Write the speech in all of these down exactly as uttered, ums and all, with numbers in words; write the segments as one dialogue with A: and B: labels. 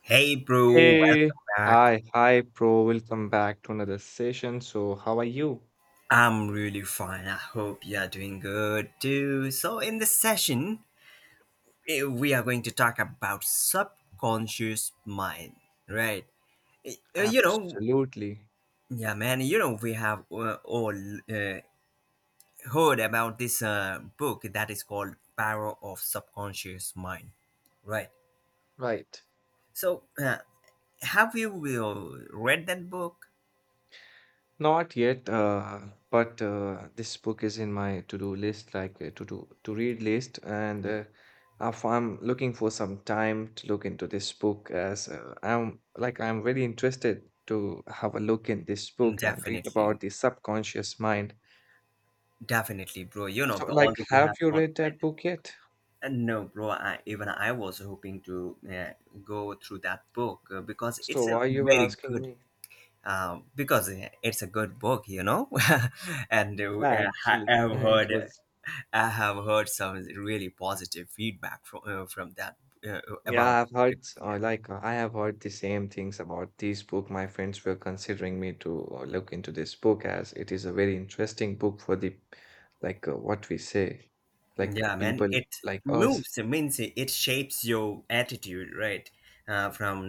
A: Hey, bro,
B: Hey,
A: welcome back.
B: hi, hi, bro. Welcome back to another session. So, how are you?
A: I'm really fine. I hope you're doing good too. So, in this session, eh, we are going to talk about subconscious mind, right? Eh, eh, You know,
B: Absolutely.
A: yeah, man, you know, we have uh, all uh, heard about this uh, book that is called Power of Subconscious Mind, right?
B: Right.
A: So, uh, have you uh, read that book?
B: Not yet, uh, but uh, this book is in my to-do list, like uh, to-do to read list, and uh, if I'm looking for some time to look into this book, as uh, I'm like I'm very interested to have a look in this book and read about
A: Definitely,
B: the subconscious mind.
A: definitely, bro. You know,
B: So,
A: but
B: like,
A: although we
B: have
A: have
B: you
A: not
B: read
A: read.
B: that book yet?
A: Uh, No, bro. I, even I was hoping to uh, go through that book uh, because
B: So,
A: it's a
B: why you were
A: very
B: asking
A: good.
B: me?
A: Uh, because uh, it's a good book, you know, and uh,
B: Yeah,
A: I
B: actually,
A: have
B: it
A: heard.
B: was.
A: I have heard some really positive feedback from uh, from that uh, about
B: Yeah, I've heard, s-
A: regarding
B: uh,
A: that.
B: like, uh, I have heard the same things about this book. My friends were considering me to uh, look into this book as it is a very interesting book for the, like, uh, what we say, like, uh,
A: Yeah, man,
B: people
A: it
B: like us.
A: moves. It means it it shapes your attitude, right? Uh, from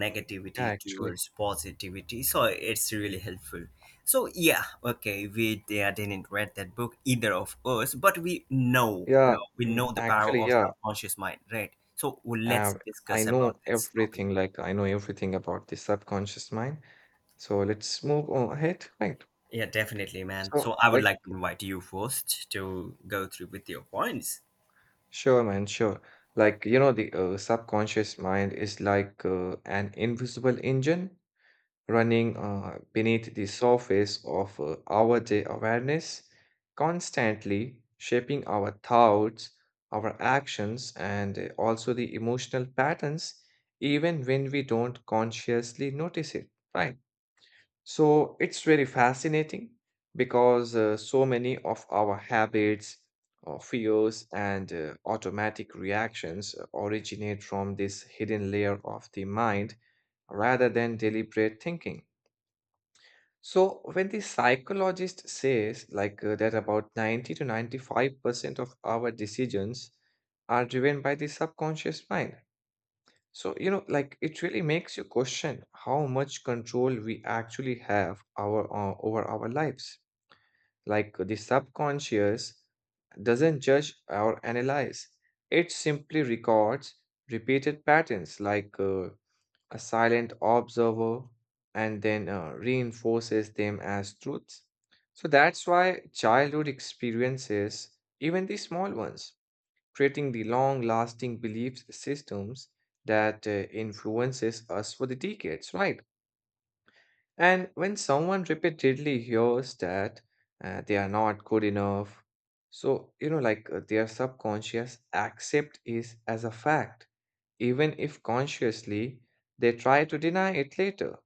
B: Yeah,
A: negativity
B: actually.
A: towards positivity. So it's really helpful. So yeah, okay, we uh, didn't read that book either of us, but we know, you
B: Yeah,
A: know, we
B: mm,
A: know the power
B: actually,
A: of
B: yeah.
A: subconscious mind, right? So well, let's
B: Uh, I
A: discuss about
B: know
A: this topic.
B: everything, like, I know everything about the subconscious mind. So let's move on ahead, right?
A: Yeah, definitely, man.
B: So,
A: So I would
B: like,
A: like to invite you first to go through with your points.
B: sure, man, sure. Like, you know, the uh, subconscious mind is like uh, an invisible engine running uh, beneath the surface of uh, our day awareness, constantly shaping our thoughts, our actions, and uh, also the emotional patterns, even when we don't consciously notice it, right? So it's very fascinating because uh, so many of our habits, uh, fears, and uh, automatic reactions uh, originate from this hidden layer of the mind rather than deliberate thinking. So when the psychologist says like uh, that about ninety to ninety-five percent of our decisions are driven by the subconscious mind, so, you know, like it really makes you question how much control we actually have our uh, over our lives. Like the subconscious doesn't judge or analyze. It simply records repeated patterns like uh, a silent observer and then uh, reinforces them as truths. So that's why childhood experiences, even the small ones, creating the long-lasting belief systems that uh, influences us for the decades, right? And when someone repeatedly hears that uh, they are not good enough, so you know, like uh, their subconscious accept is as a fact, even if consciously they try to deny it later.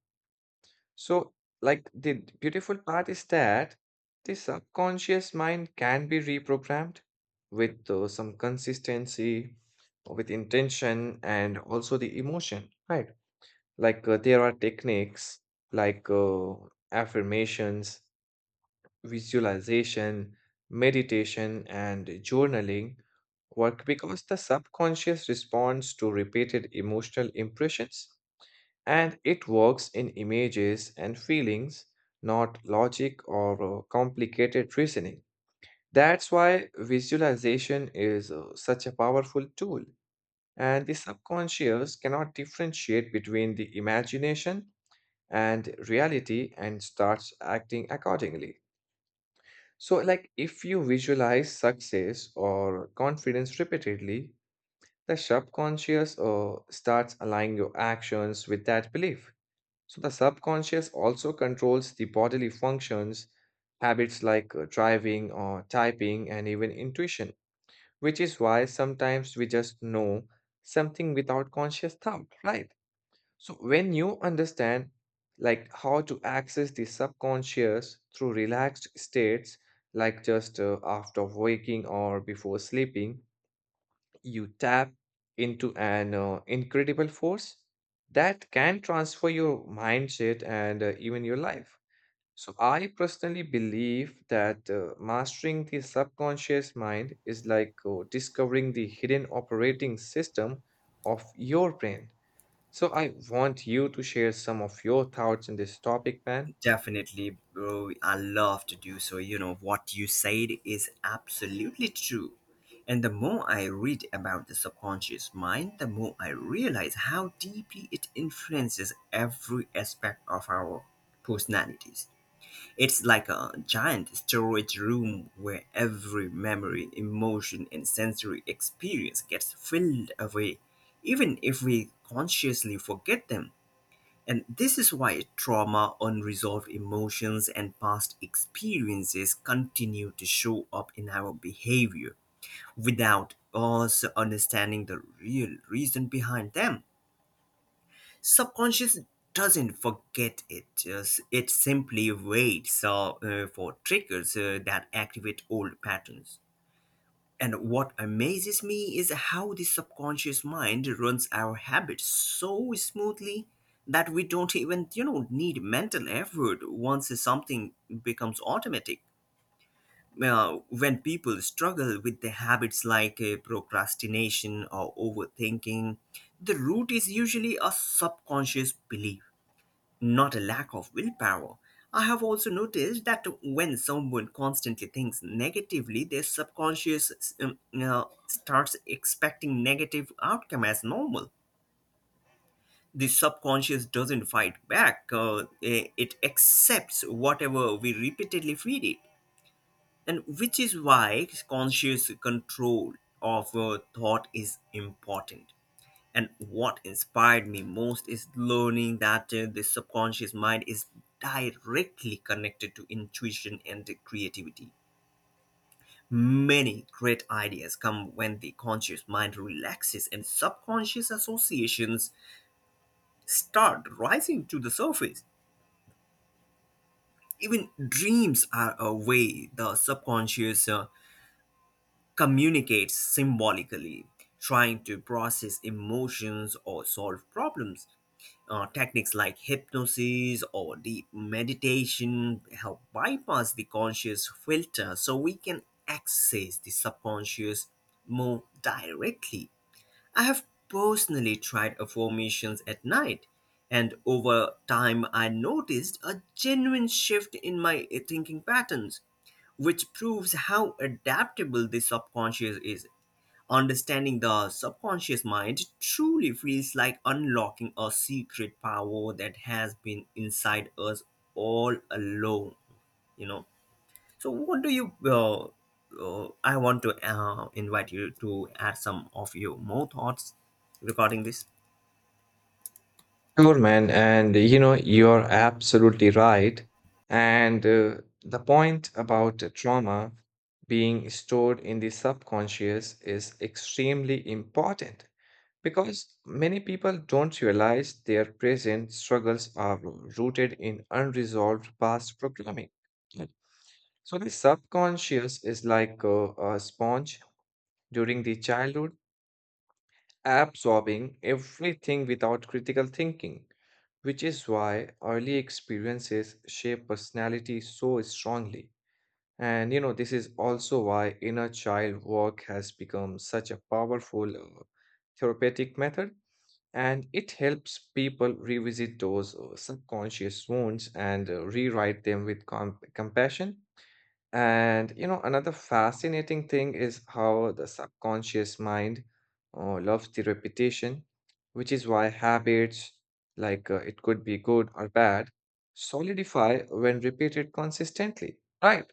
B: So, like, the beautiful part is that the subconscious mind can be reprogrammed with uh, some consistency, with intention, and also the emotion, right? Like, uh, there are techniques like uh, affirmations, visualization, meditation, and journaling work because the subconscious responds to repeated emotional impressions and it works in images and feelings, not logic or uh, complicated reasoning. That's why visualization is uh, such a powerful tool, and the subconscious cannot differentiate between the imagination and reality and starts acting accordingly. So, like if you visualize success or confidence repeatedly, the subconscious uh, starts aligning your actions with that belief. So the subconscious also controls the bodily functions, habits like uh, driving or typing, and even intuition, which is why sometimes we just know something without conscious thought, right? So when you understand like how to access the subconscious through relaxed states, like just uh, after waking or before sleeping, you tap into an uh, incredible force that can transfer your mindset and uh, even your life. So, I personally believe that uh, mastering the subconscious mind is like uh, discovering the hidden operating system of your brain. So, I want you to share some of your thoughts on this topic, man.
A: Definitely, bro. I love to do so. You know, what you said is absolutely true. And the more I read about the subconscious mind, the more I realize how deeply it influences every aspect of our personalities. It's like a giant storage room where every memory, emotion, and sensory experience gets filled away, even if we consciously forget them. And this is why trauma, unresolved emotions, and past experiences continue to show up in our behavior without us understanding the real reason behind them. Subconscious doesn't forget it, just- it simply waits uh, uh, for triggers uh, that activate old patterns. And what amazes me is how the subconscious mind runs our habits so smoothly that we don't even, you know, need mental effort once something becomes automatic. Uh, when people struggle with the habits like uh, procrastination or overthinking, the root is usually a subconscious belief, not a lack of willpower. I have also noticed that when someone constantly thinks negatively, their subconscious um, uh, starts expecting negative outcome as normal. The subconscious doesn't fight back; uh, eh, it accepts whatever we repeatedly feed it, and which is why conscious control of uh, thought is important. And what inspired me most is learning that uh, the subconscious mind is directly connected to intuition and creativity. Many great ideas come when the conscious mind relaxes and subconscious associations start rising to the surface. Even dreams are a way the subconscious uh, communicates symbolically, trying to process emotions or solve problems. Uh, techniques like hypnosis or deep meditation help bypass the conscious filter so we can access the subconscious more directly. I have personally tried affirmations at night, and over time, I noticed a genuine shift in my thinking patterns, which proves how adaptable the subconscious is. Understanding the subconscious mind truly feels like unlocking a secret power that has been inside us all along, you know. So, what do you, uh, uh, I want to uh, invite you to add some of your more thoughts regarding this.
B: Sure, man. And you know, you're absolutely right. And uh, the point about the trauma being stored in the subconscious is extremely important because many people don't realize their present struggles are rooted in unresolved past programming. Right. So the subconscious is like a, a sponge during the childhood absorbing everything without critical thinking, which is why early experiences shape personality so strongly. And you know, this is also why inner child work has become such a powerful uh, therapeutic method, and it helps people revisit those uh, subconscious wounds and uh, rewrite them with com- compassion and you know, another fascinating thing is how the subconscious mind uh, loves the repetition, which is why habits, like uh, it could be good or bad, solidify when repeated consistently, right?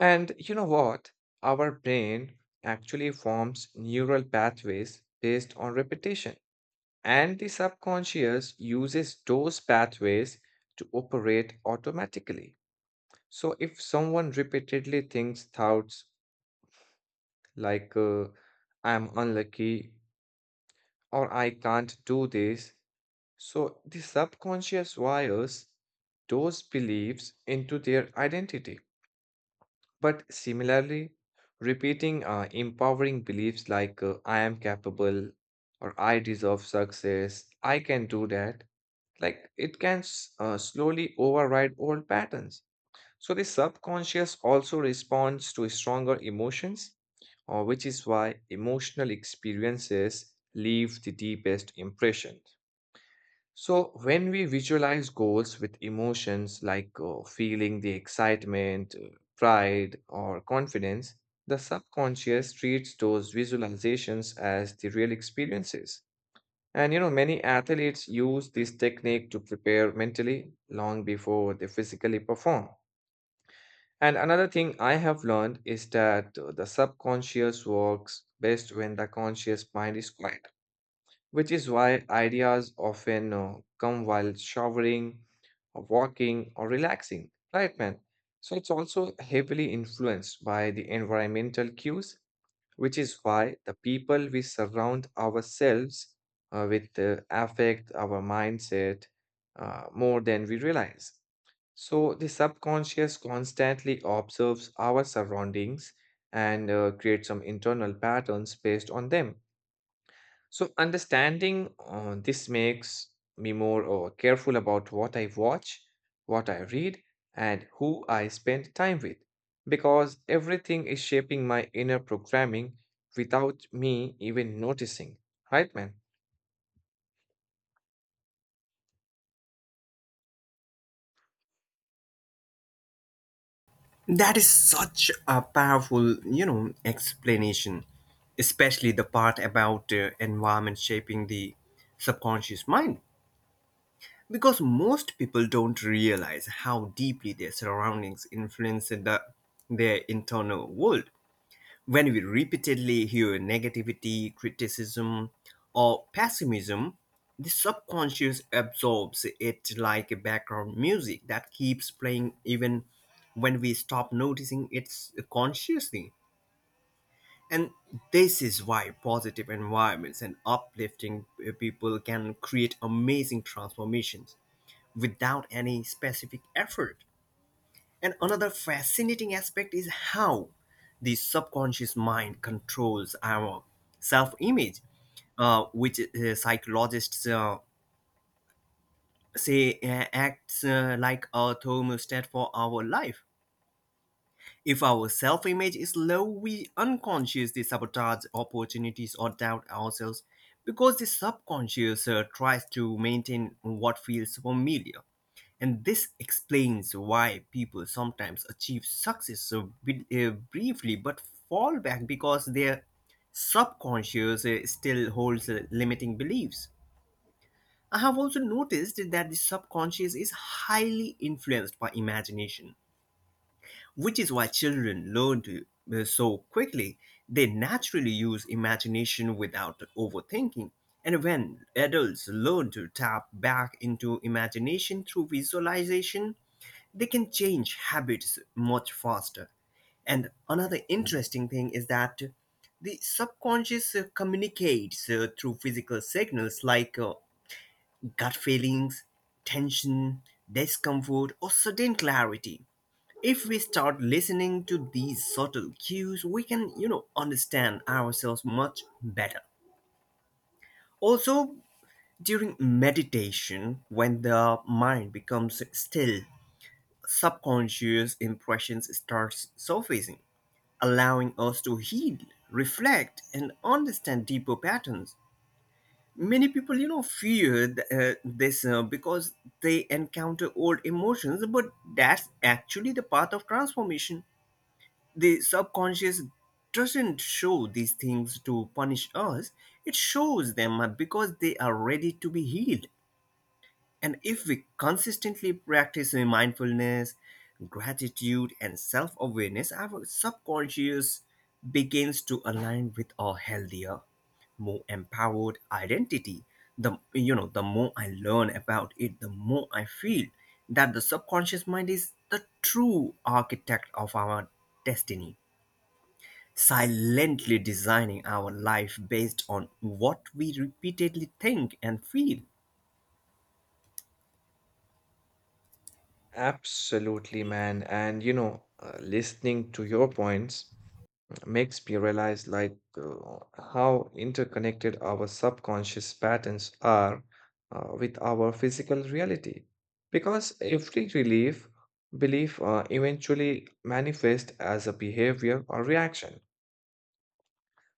B: And you know what? Our brain actually forms neural pathways based on repetition, and the subconscious uses those pathways to operate automatically. So if someone repeatedly thinks thoughts like uh, I'm unlucky or I can't do this, so the subconscious wires those beliefs into their identity. But similarly, repeating uh, empowering beliefs like uh, I am capable or I deserve success, I can do that, like it can s- uh, slowly override old patterns. So the subconscious also responds to stronger emotions, uh, which is why emotional experiences leave the deepest impression. So when we visualize goals with emotions like uh, feeling the excitement, uh, pride, or confidence, the subconscious treats those visualizations as the real experiences. And you know, many athletes use this technique to prepare mentally long before they physically perform. And another thing I have learned is that uh, the subconscious works best when the conscious mind is quiet, which is why ideas often uh, come while showering, or walking, or relaxing, right, man? So it's also heavily influenced by the environmental cues, which is why the people we surround ourselves uh, with uh, affect our mindset uh, more than we realize. So, the subconscious constantly observes our surroundings and uh, creates some internal patterns based on them. So, understanding uh, this makes me more uh, careful about what I watch, what I read, and who I spend time with, because everything is shaping my inner programming without me even noticing. Right, man?
A: That is such a powerful, you know, explanation, especially the part about uh, environment shaping the subconscious mind. Because most people don't realize how deeply their surroundings influence the, their internal world. When we repeatedly hear negativity, criticism, or pessimism, the subconscious absorbs it like background music that keeps playing even when we stop noticing it consciously. And this is why positive environments and uplifting uh, people can create amazing transformations without any specific effort. And another fascinating aspect is how the subconscious mind controls our self image, uh, which uh, psychologists uh, say uh, acts uh, like a thermostat for our life. If our self image is low, we unconsciously sabotage opportunities or doubt ourselves because the subconscious uh, tries to maintain what feels familiar. And this explains why people sometimes achieve success so bi- uh, briefly but fall back because their subconscious uh, still holds uh, limiting beliefs. I have also noticed that the subconscious is highly influenced by imagination, which is why children learn to, uh, so quickly. They naturally use imagination without overthinking. And when adults learn to tap back into imagination through visualization, they can change habits much faster. And another interesting thing is that the subconscious uh, communicates uh, through physical signals like uh, gut feelings, tension, discomfort, or sudden clarity. If we start listening to these subtle cues, we can, you know, understand ourselves much better. Also, during meditation, when the mind becomes still, subconscious impressions starts surfacing, allowing us to heal, reflect, and understand deeper patterns. Many people, you know, fear th- uh, this uh, because they encounter old emotions, but that's actually the path of transformation. The subconscious doesn't show these things to punish us. It shows them uh, because they are ready to be healed. And if we consistently practice uh, mindfulness, gratitude, and self awareness, our subconscious begins to align with a healthier, more empowered identity. The, you know, the more I learn about it, the more I feel that the subconscious mind is the true architect of our destiny, silently designing our life based on what we repeatedly think and feel.
B: Absolutely, man. And you know, uh, listening to your points makes me realize like uh, how interconnected our subconscious patterns are uh, with our physical reality. Because every relief belief uh, eventually manifests as a behavior or reaction.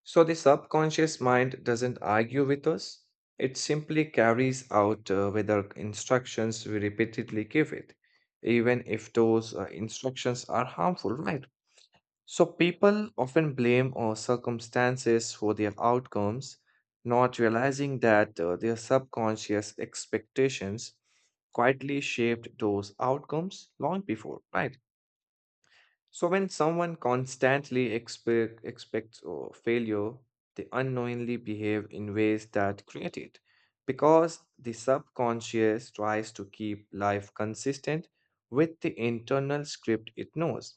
B: So the subconscious mind doesn't argue with us, it simply carries out uh, whether instructions we repeatedly give it, even if those uh, instructions are harmful, right? So people often blame our circumstances for their outcomes, not realizing that uh, their subconscious expectations quietly shaped those outcomes long before, right? So, when someone constantly expect, expects uh, failure, they unknowingly behave in ways that create it because the subconscious tries to keep life consistent with the internal script it knows.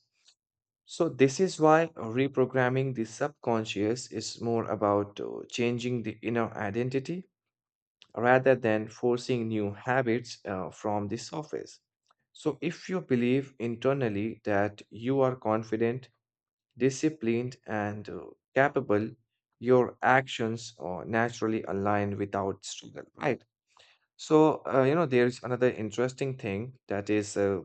B: So, this is why reprogramming the subconscious is more about uh, changing the inner identity rather than forcing new habits uh, from the surface. So, if you believe internally that you are confident, disciplined and uh, capable, your actions uh, naturally align without struggle, right? So, uh, you know, there is another interesting thing that is uh,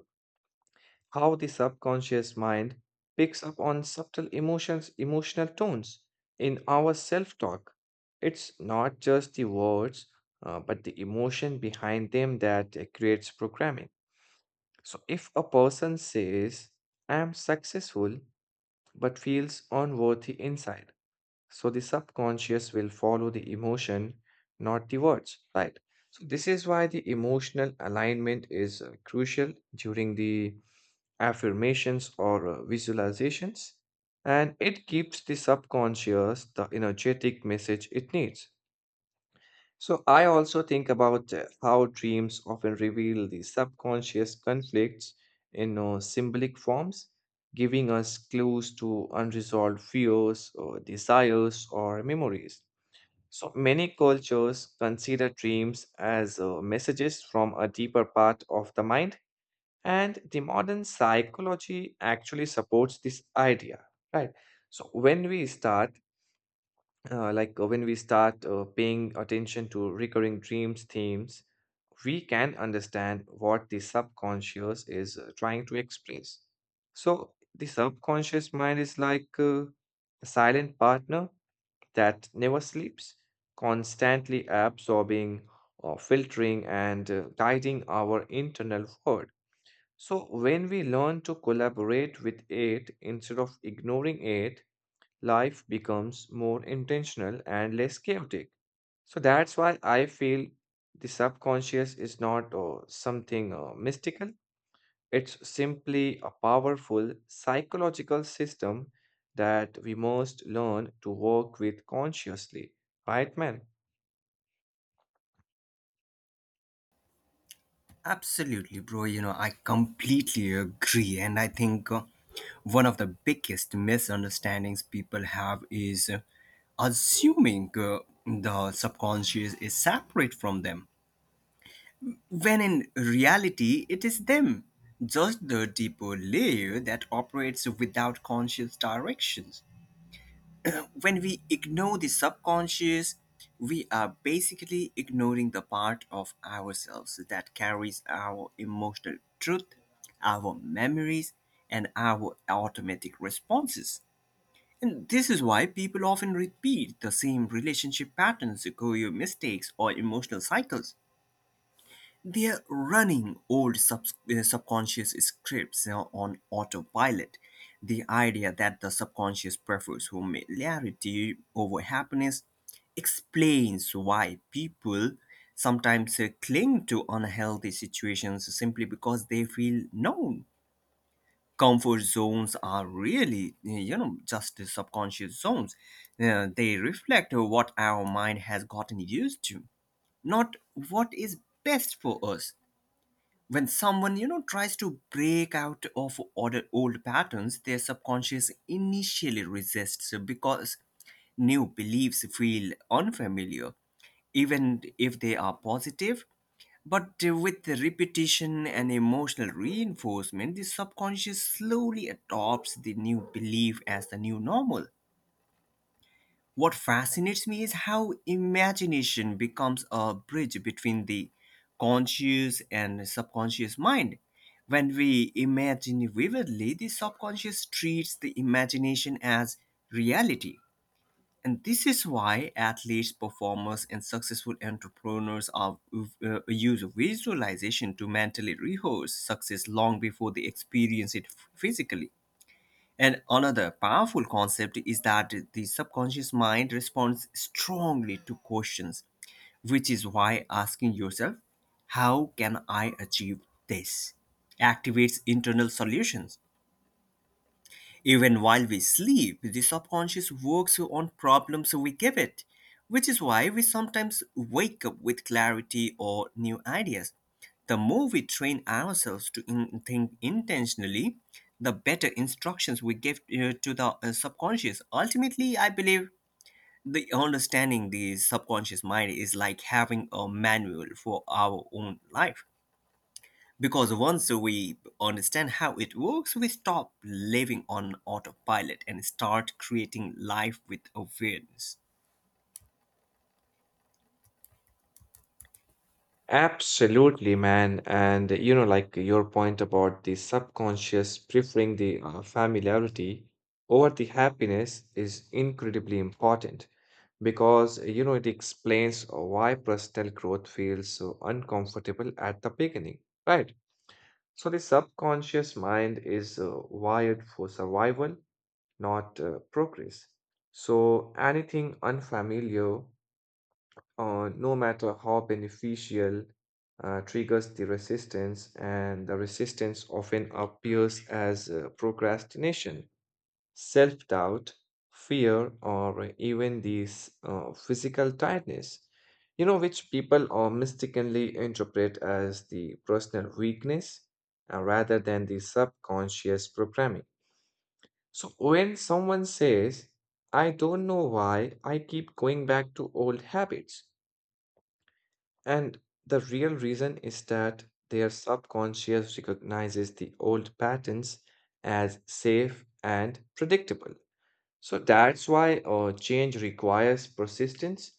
B: how the subconscious mind picks up on subtle emotions, emotional tones in our self talk. It's not just the words, uh, but the emotion behind them that uh, creates programming. So, if a person says, I am successful, but feels unworthy inside, so the subconscious will follow the emotion, not the words, right? So this is why the emotional alignment is uh, crucial during the affirmations or uh, visualizations, and it gives the subconscious the energetic message it needs. So I also think about uh, how dreams often reveal the subconscious conflicts in uh, symbolic forms, giving us clues to unresolved fears or desires or memories. So many cultures consider dreams as uh, messages from a deeper part of the mind, and the modern psychology actually supports this idea, right? So when we start, uh, like uh, when we start uh, paying attention to recurring dreams themes, we can understand what the subconscious is uh, trying to express. So the subconscious mind is like uh, a silent partner that never sleeps, constantly absorbing or filtering and uh, guiding our internal world. So, when we learn to collaborate with it instead of ignoring it, life becomes more intentional and less chaotic. So, that's why I feel the subconscious is not uh, something uh, mystical. It's simply a powerful psychological system that we must learn to work with consciously, right, man?
A: Absolutely, bro. You know, I completely agree. And I think uh, one of the biggest misunderstandings people have is uh, assuming uh, the subconscious is separate from them, when in reality, it is them, just the deeper layer that operates without conscious directions. When we ignore the subconscious, we are basically ignoring the part of ourselves that carries our emotional truth, our memories, and our automatic responses. And this is why people often repeat the same relationship patterns, career mistakes, or emotional cycles. They're running old subs- uh, subconscious scripts uh, on autopilot. The idea that the subconscious prefers familiarity over happiness explains why people sometimes uh, cling to unhealthy situations simply because they feel known. Comfort zones are really, uh, you know, just the subconscious zones. Uh, they reflect what our mind has gotten used to, not what is best for us. When someone, you know, tries to break out of order, old patterns, their subconscious initially resists because new beliefs feel unfamiliar, even if they are positive. But with the repetition and emotional reinforcement, the subconscious slowly adopts the new belief as the new normal. What fascinates me is how imagination becomes a bridge between the conscious and subconscious mind. When we imagine vividly, the subconscious treats the imagination as reality. And this is why athletes, performers, and successful entrepreneurs are, uh, use visualization to mentally rehearse success long before they experience it physically. And another powerful concept is that the subconscious mind responds strongly to questions, which is why asking yourself, how can I achieve this, activates internal solutions. Even while we sleep, the subconscious works on problems we give it, which is why we sometimes wake up with clarity or new ideas. The more we train ourselves to in- think intentionally, the better instructions we give uh, to the uh, subconscious. Ultimately, I believe the understanding the subconscious mind is like having a manual for our own life. Because once we understand how it works, we stop living on autopilot and start creating life with awareness.
B: Absolutely, man. And you know, like your point about the subconscious preferring the uh, familiarity over the happiness is incredibly important because you know it explains why personal growth feels so uncomfortable at the beginning, right? So the subconscious mind is uh, wired for survival, not uh, progress. So anything unfamiliar, uh, no matter how beneficial, uh, triggers the resistance, and the resistance often appears as uh, procrastination self doubt, fear, or even these uh, physical tiredness, you know, which people uh, mistakenly interpret as the personal weakness uh, rather than the subconscious programming. So when someone says, I don't know why I keep going back to old habits, and the real reason is that their subconscious recognizes the old patterns as safe and predictable. So that's why uh, change requires persistence.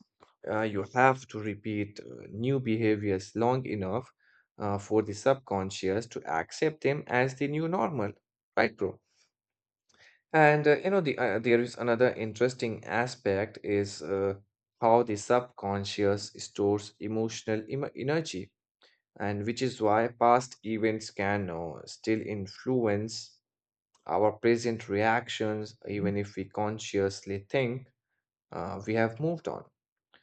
B: Uh, you have to repeat uh, new behaviors long enough uh, for the subconscious to accept them as the new normal, right, bro? And uh, you know, the uh, there is another interesting aspect is uh, how the subconscious stores emotional em- energy, and which is why past events can uh, still influence our present reactions, even if we consciously think uh, we have moved on.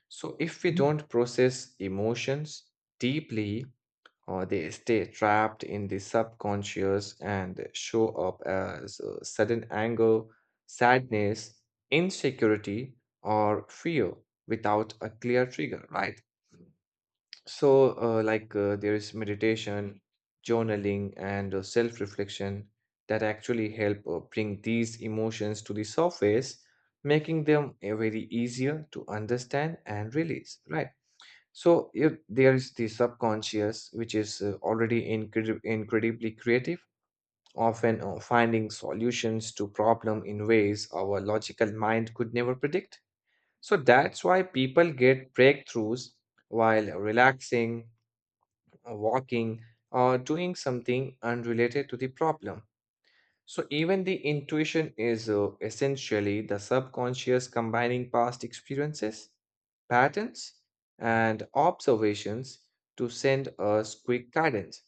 B: So, if we don't process emotions deeply, or they stay trapped in the subconscious and show up as uh, sudden anger, sadness, insecurity, or fear without a clear trigger, right? So, uh, like, uh, there is meditation, journaling, and uh, self-reflection that actually help uh, bring these emotions to the surface, making them uh, very easier to understand and release, right? So, if there is the subconscious, which is uh, already incredi- incredibly creative, often uh, finding solutions to problem in ways our logical mind could never predict. So that's why people get breakthroughs while relaxing uh, walking, or doing something unrelated to the problem. So, even the intuition is uh, essentially the subconscious combining past experiences, patterns, and observations to send us quick guidance.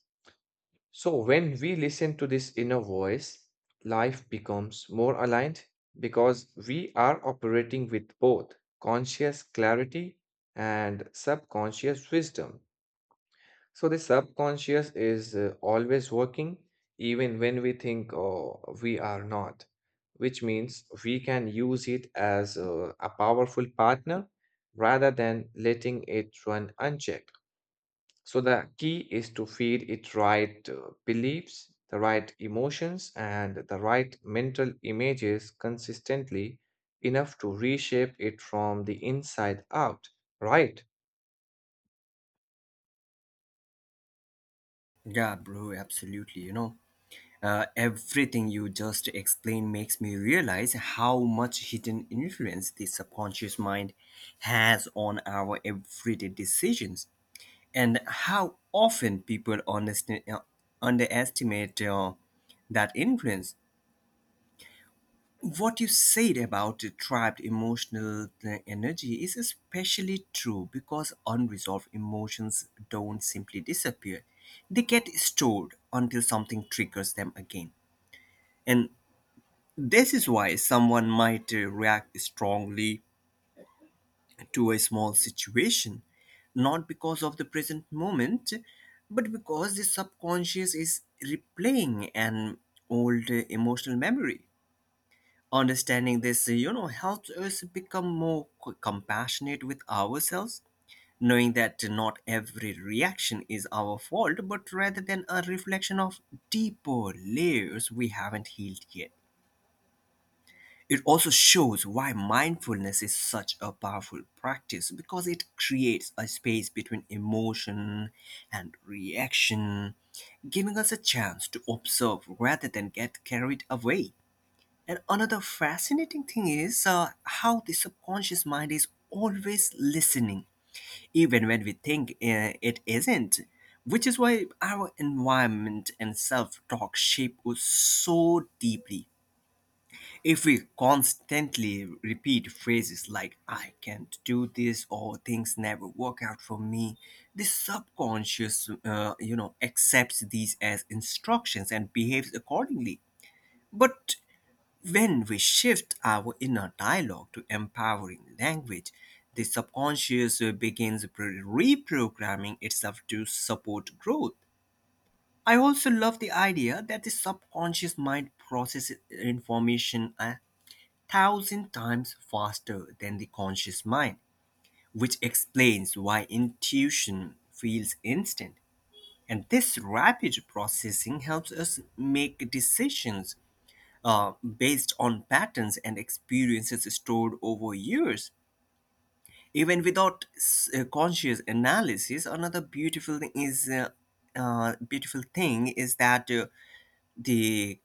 B: So, when we listen to this inner voice, life becomes more aligned because we are operating with both conscious clarity and subconscious wisdom. So the subconscious is uh, always working, even when we think oh, we are not, which means we can use it as uh, a powerful partner rather than letting it run unchecked. So the key is to feed it right uh, beliefs, the right emotions, and the right mental images consistently enough to reshape it from the inside out, right?
A: Yeah, bro, absolutely. You know, uh, everything you just explained makes me realize how much hidden influence the subconscious mind has on our everyday decisions and how often people underst- uh, underestimate uh, that influence. What you said about the trapped emotional uh, energy is especially true because unresolved emotions don't simply disappear. They get stored until something triggers them again. And this is why someone might uh, react strongly to a small situation, not because of the present moment, but because the subconscious is replaying an old uh, emotional memory. Understanding this, uh, you know, helps us become more c- compassionate with ourselves, knowing that not every reaction is our fault, but rather than a reflection of deeper layers we haven't healed yet. It also shows why mindfulness is such a powerful practice because it creates a space between emotion and reaction, giving us a chance to observe rather than get carried away. And another fascinating thing is uh, how the subconscious mind is always listening, even when we think uh, it isn't, which is why our environment and self talk shape us so deeply. If we constantly repeat phrases like, I can't do this, or things never work out for me, the subconscious, uh, you know, accepts these as instructions and behaves accordingly. But when we shift our inner dialogue to empowering language, the subconscious uh, begins pre- reprogramming itself to support growth. I also love the idea that the subconscious mind processes information a thousand times faster than the conscious mind, which explains why intuition feels instant. And this rapid processing helps us make decisions uh, based on patterns and experiences stored over years, even without s- uh, conscious analysis. Another beautiful thing is uh, uh, beautiful thing is that uh, the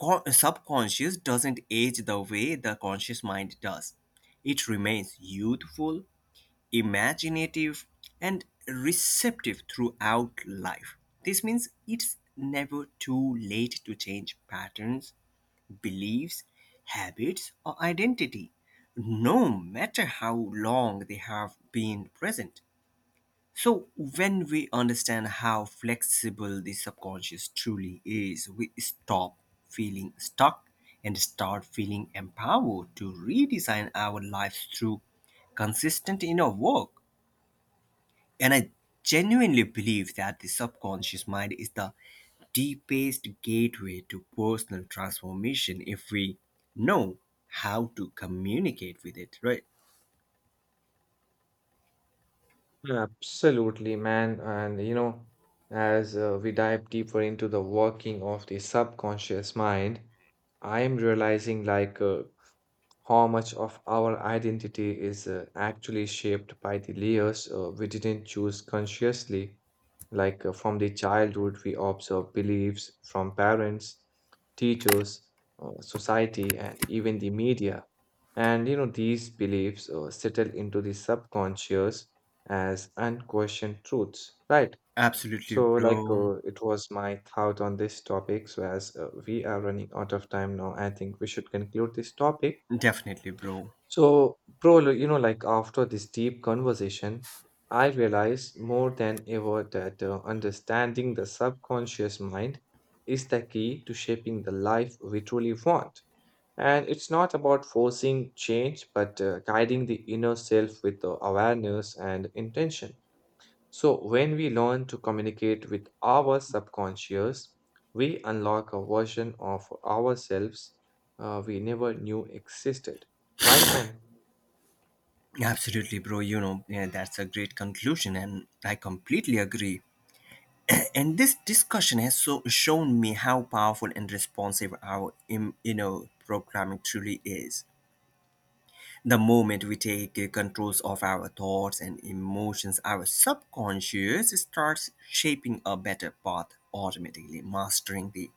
A: co- subconscious doesn't age the way the conscious mind does. It remains youthful, imaginative, and receptive throughout life. This means it's never too late to change patterns, beliefs, habits, or identity, no matter how long they have been present. So, when we understand how flexible the subconscious truly is, we stop feeling stuck and start feeling empowered to redesign our lives through consistent inner work. And I genuinely believe that the subconscious mind is the deepest gateway to personal transformation if we know how to communicate with it, right?
B: Absolutely, man. And you know, as uh, we dive deeper into the working of the subconscious mind, I am realizing like uh, how much of our identity is uh, actually shaped by the layers uh, we didn't choose consciously, like uh, from the childhood we observe beliefs from parents, teachers, uh, society, and even the media. And you know, these beliefs uh, settle into the subconscious as unquestioned truths, right?
A: Absolutely,
B: So, like,
A: bro.
B: uh, it was my thought on this topic. So, as uh, we are running out of time now, I think we should conclude this topic.
A: Definitely, bro.
B: So, bro, li- you know, like, after this deep conversation, I realized more than ever that uh, understanding the subconscious mind is the key to shaping the life we truly want. And it's not about forcing change, but uh, guiding the inner self with uh, awareness and intention. So, when we learn to communicate with our subconscious, we unlock a version of ourselves uh, we never knew existed. Right, man?
A: Absolutely, bro. You know, yeah, that's a great conclusion, and I completely agree. And this discussion has so shown me how powerful and responsive our, im- you know, programming truly is. The moment we take uh, controls of our thoughts and emotions, our subconscious starts shaping a better path automatically. Mastering the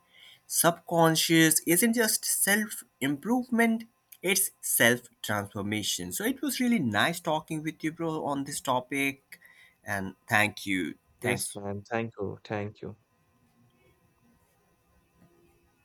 A: subconscious isn't just self improvement, it's self transformation. So it was really nice talking with you, bro, on this topic. And thank you.
B: Yes,
A: Thanks.
B: man. Thank you. Thank you.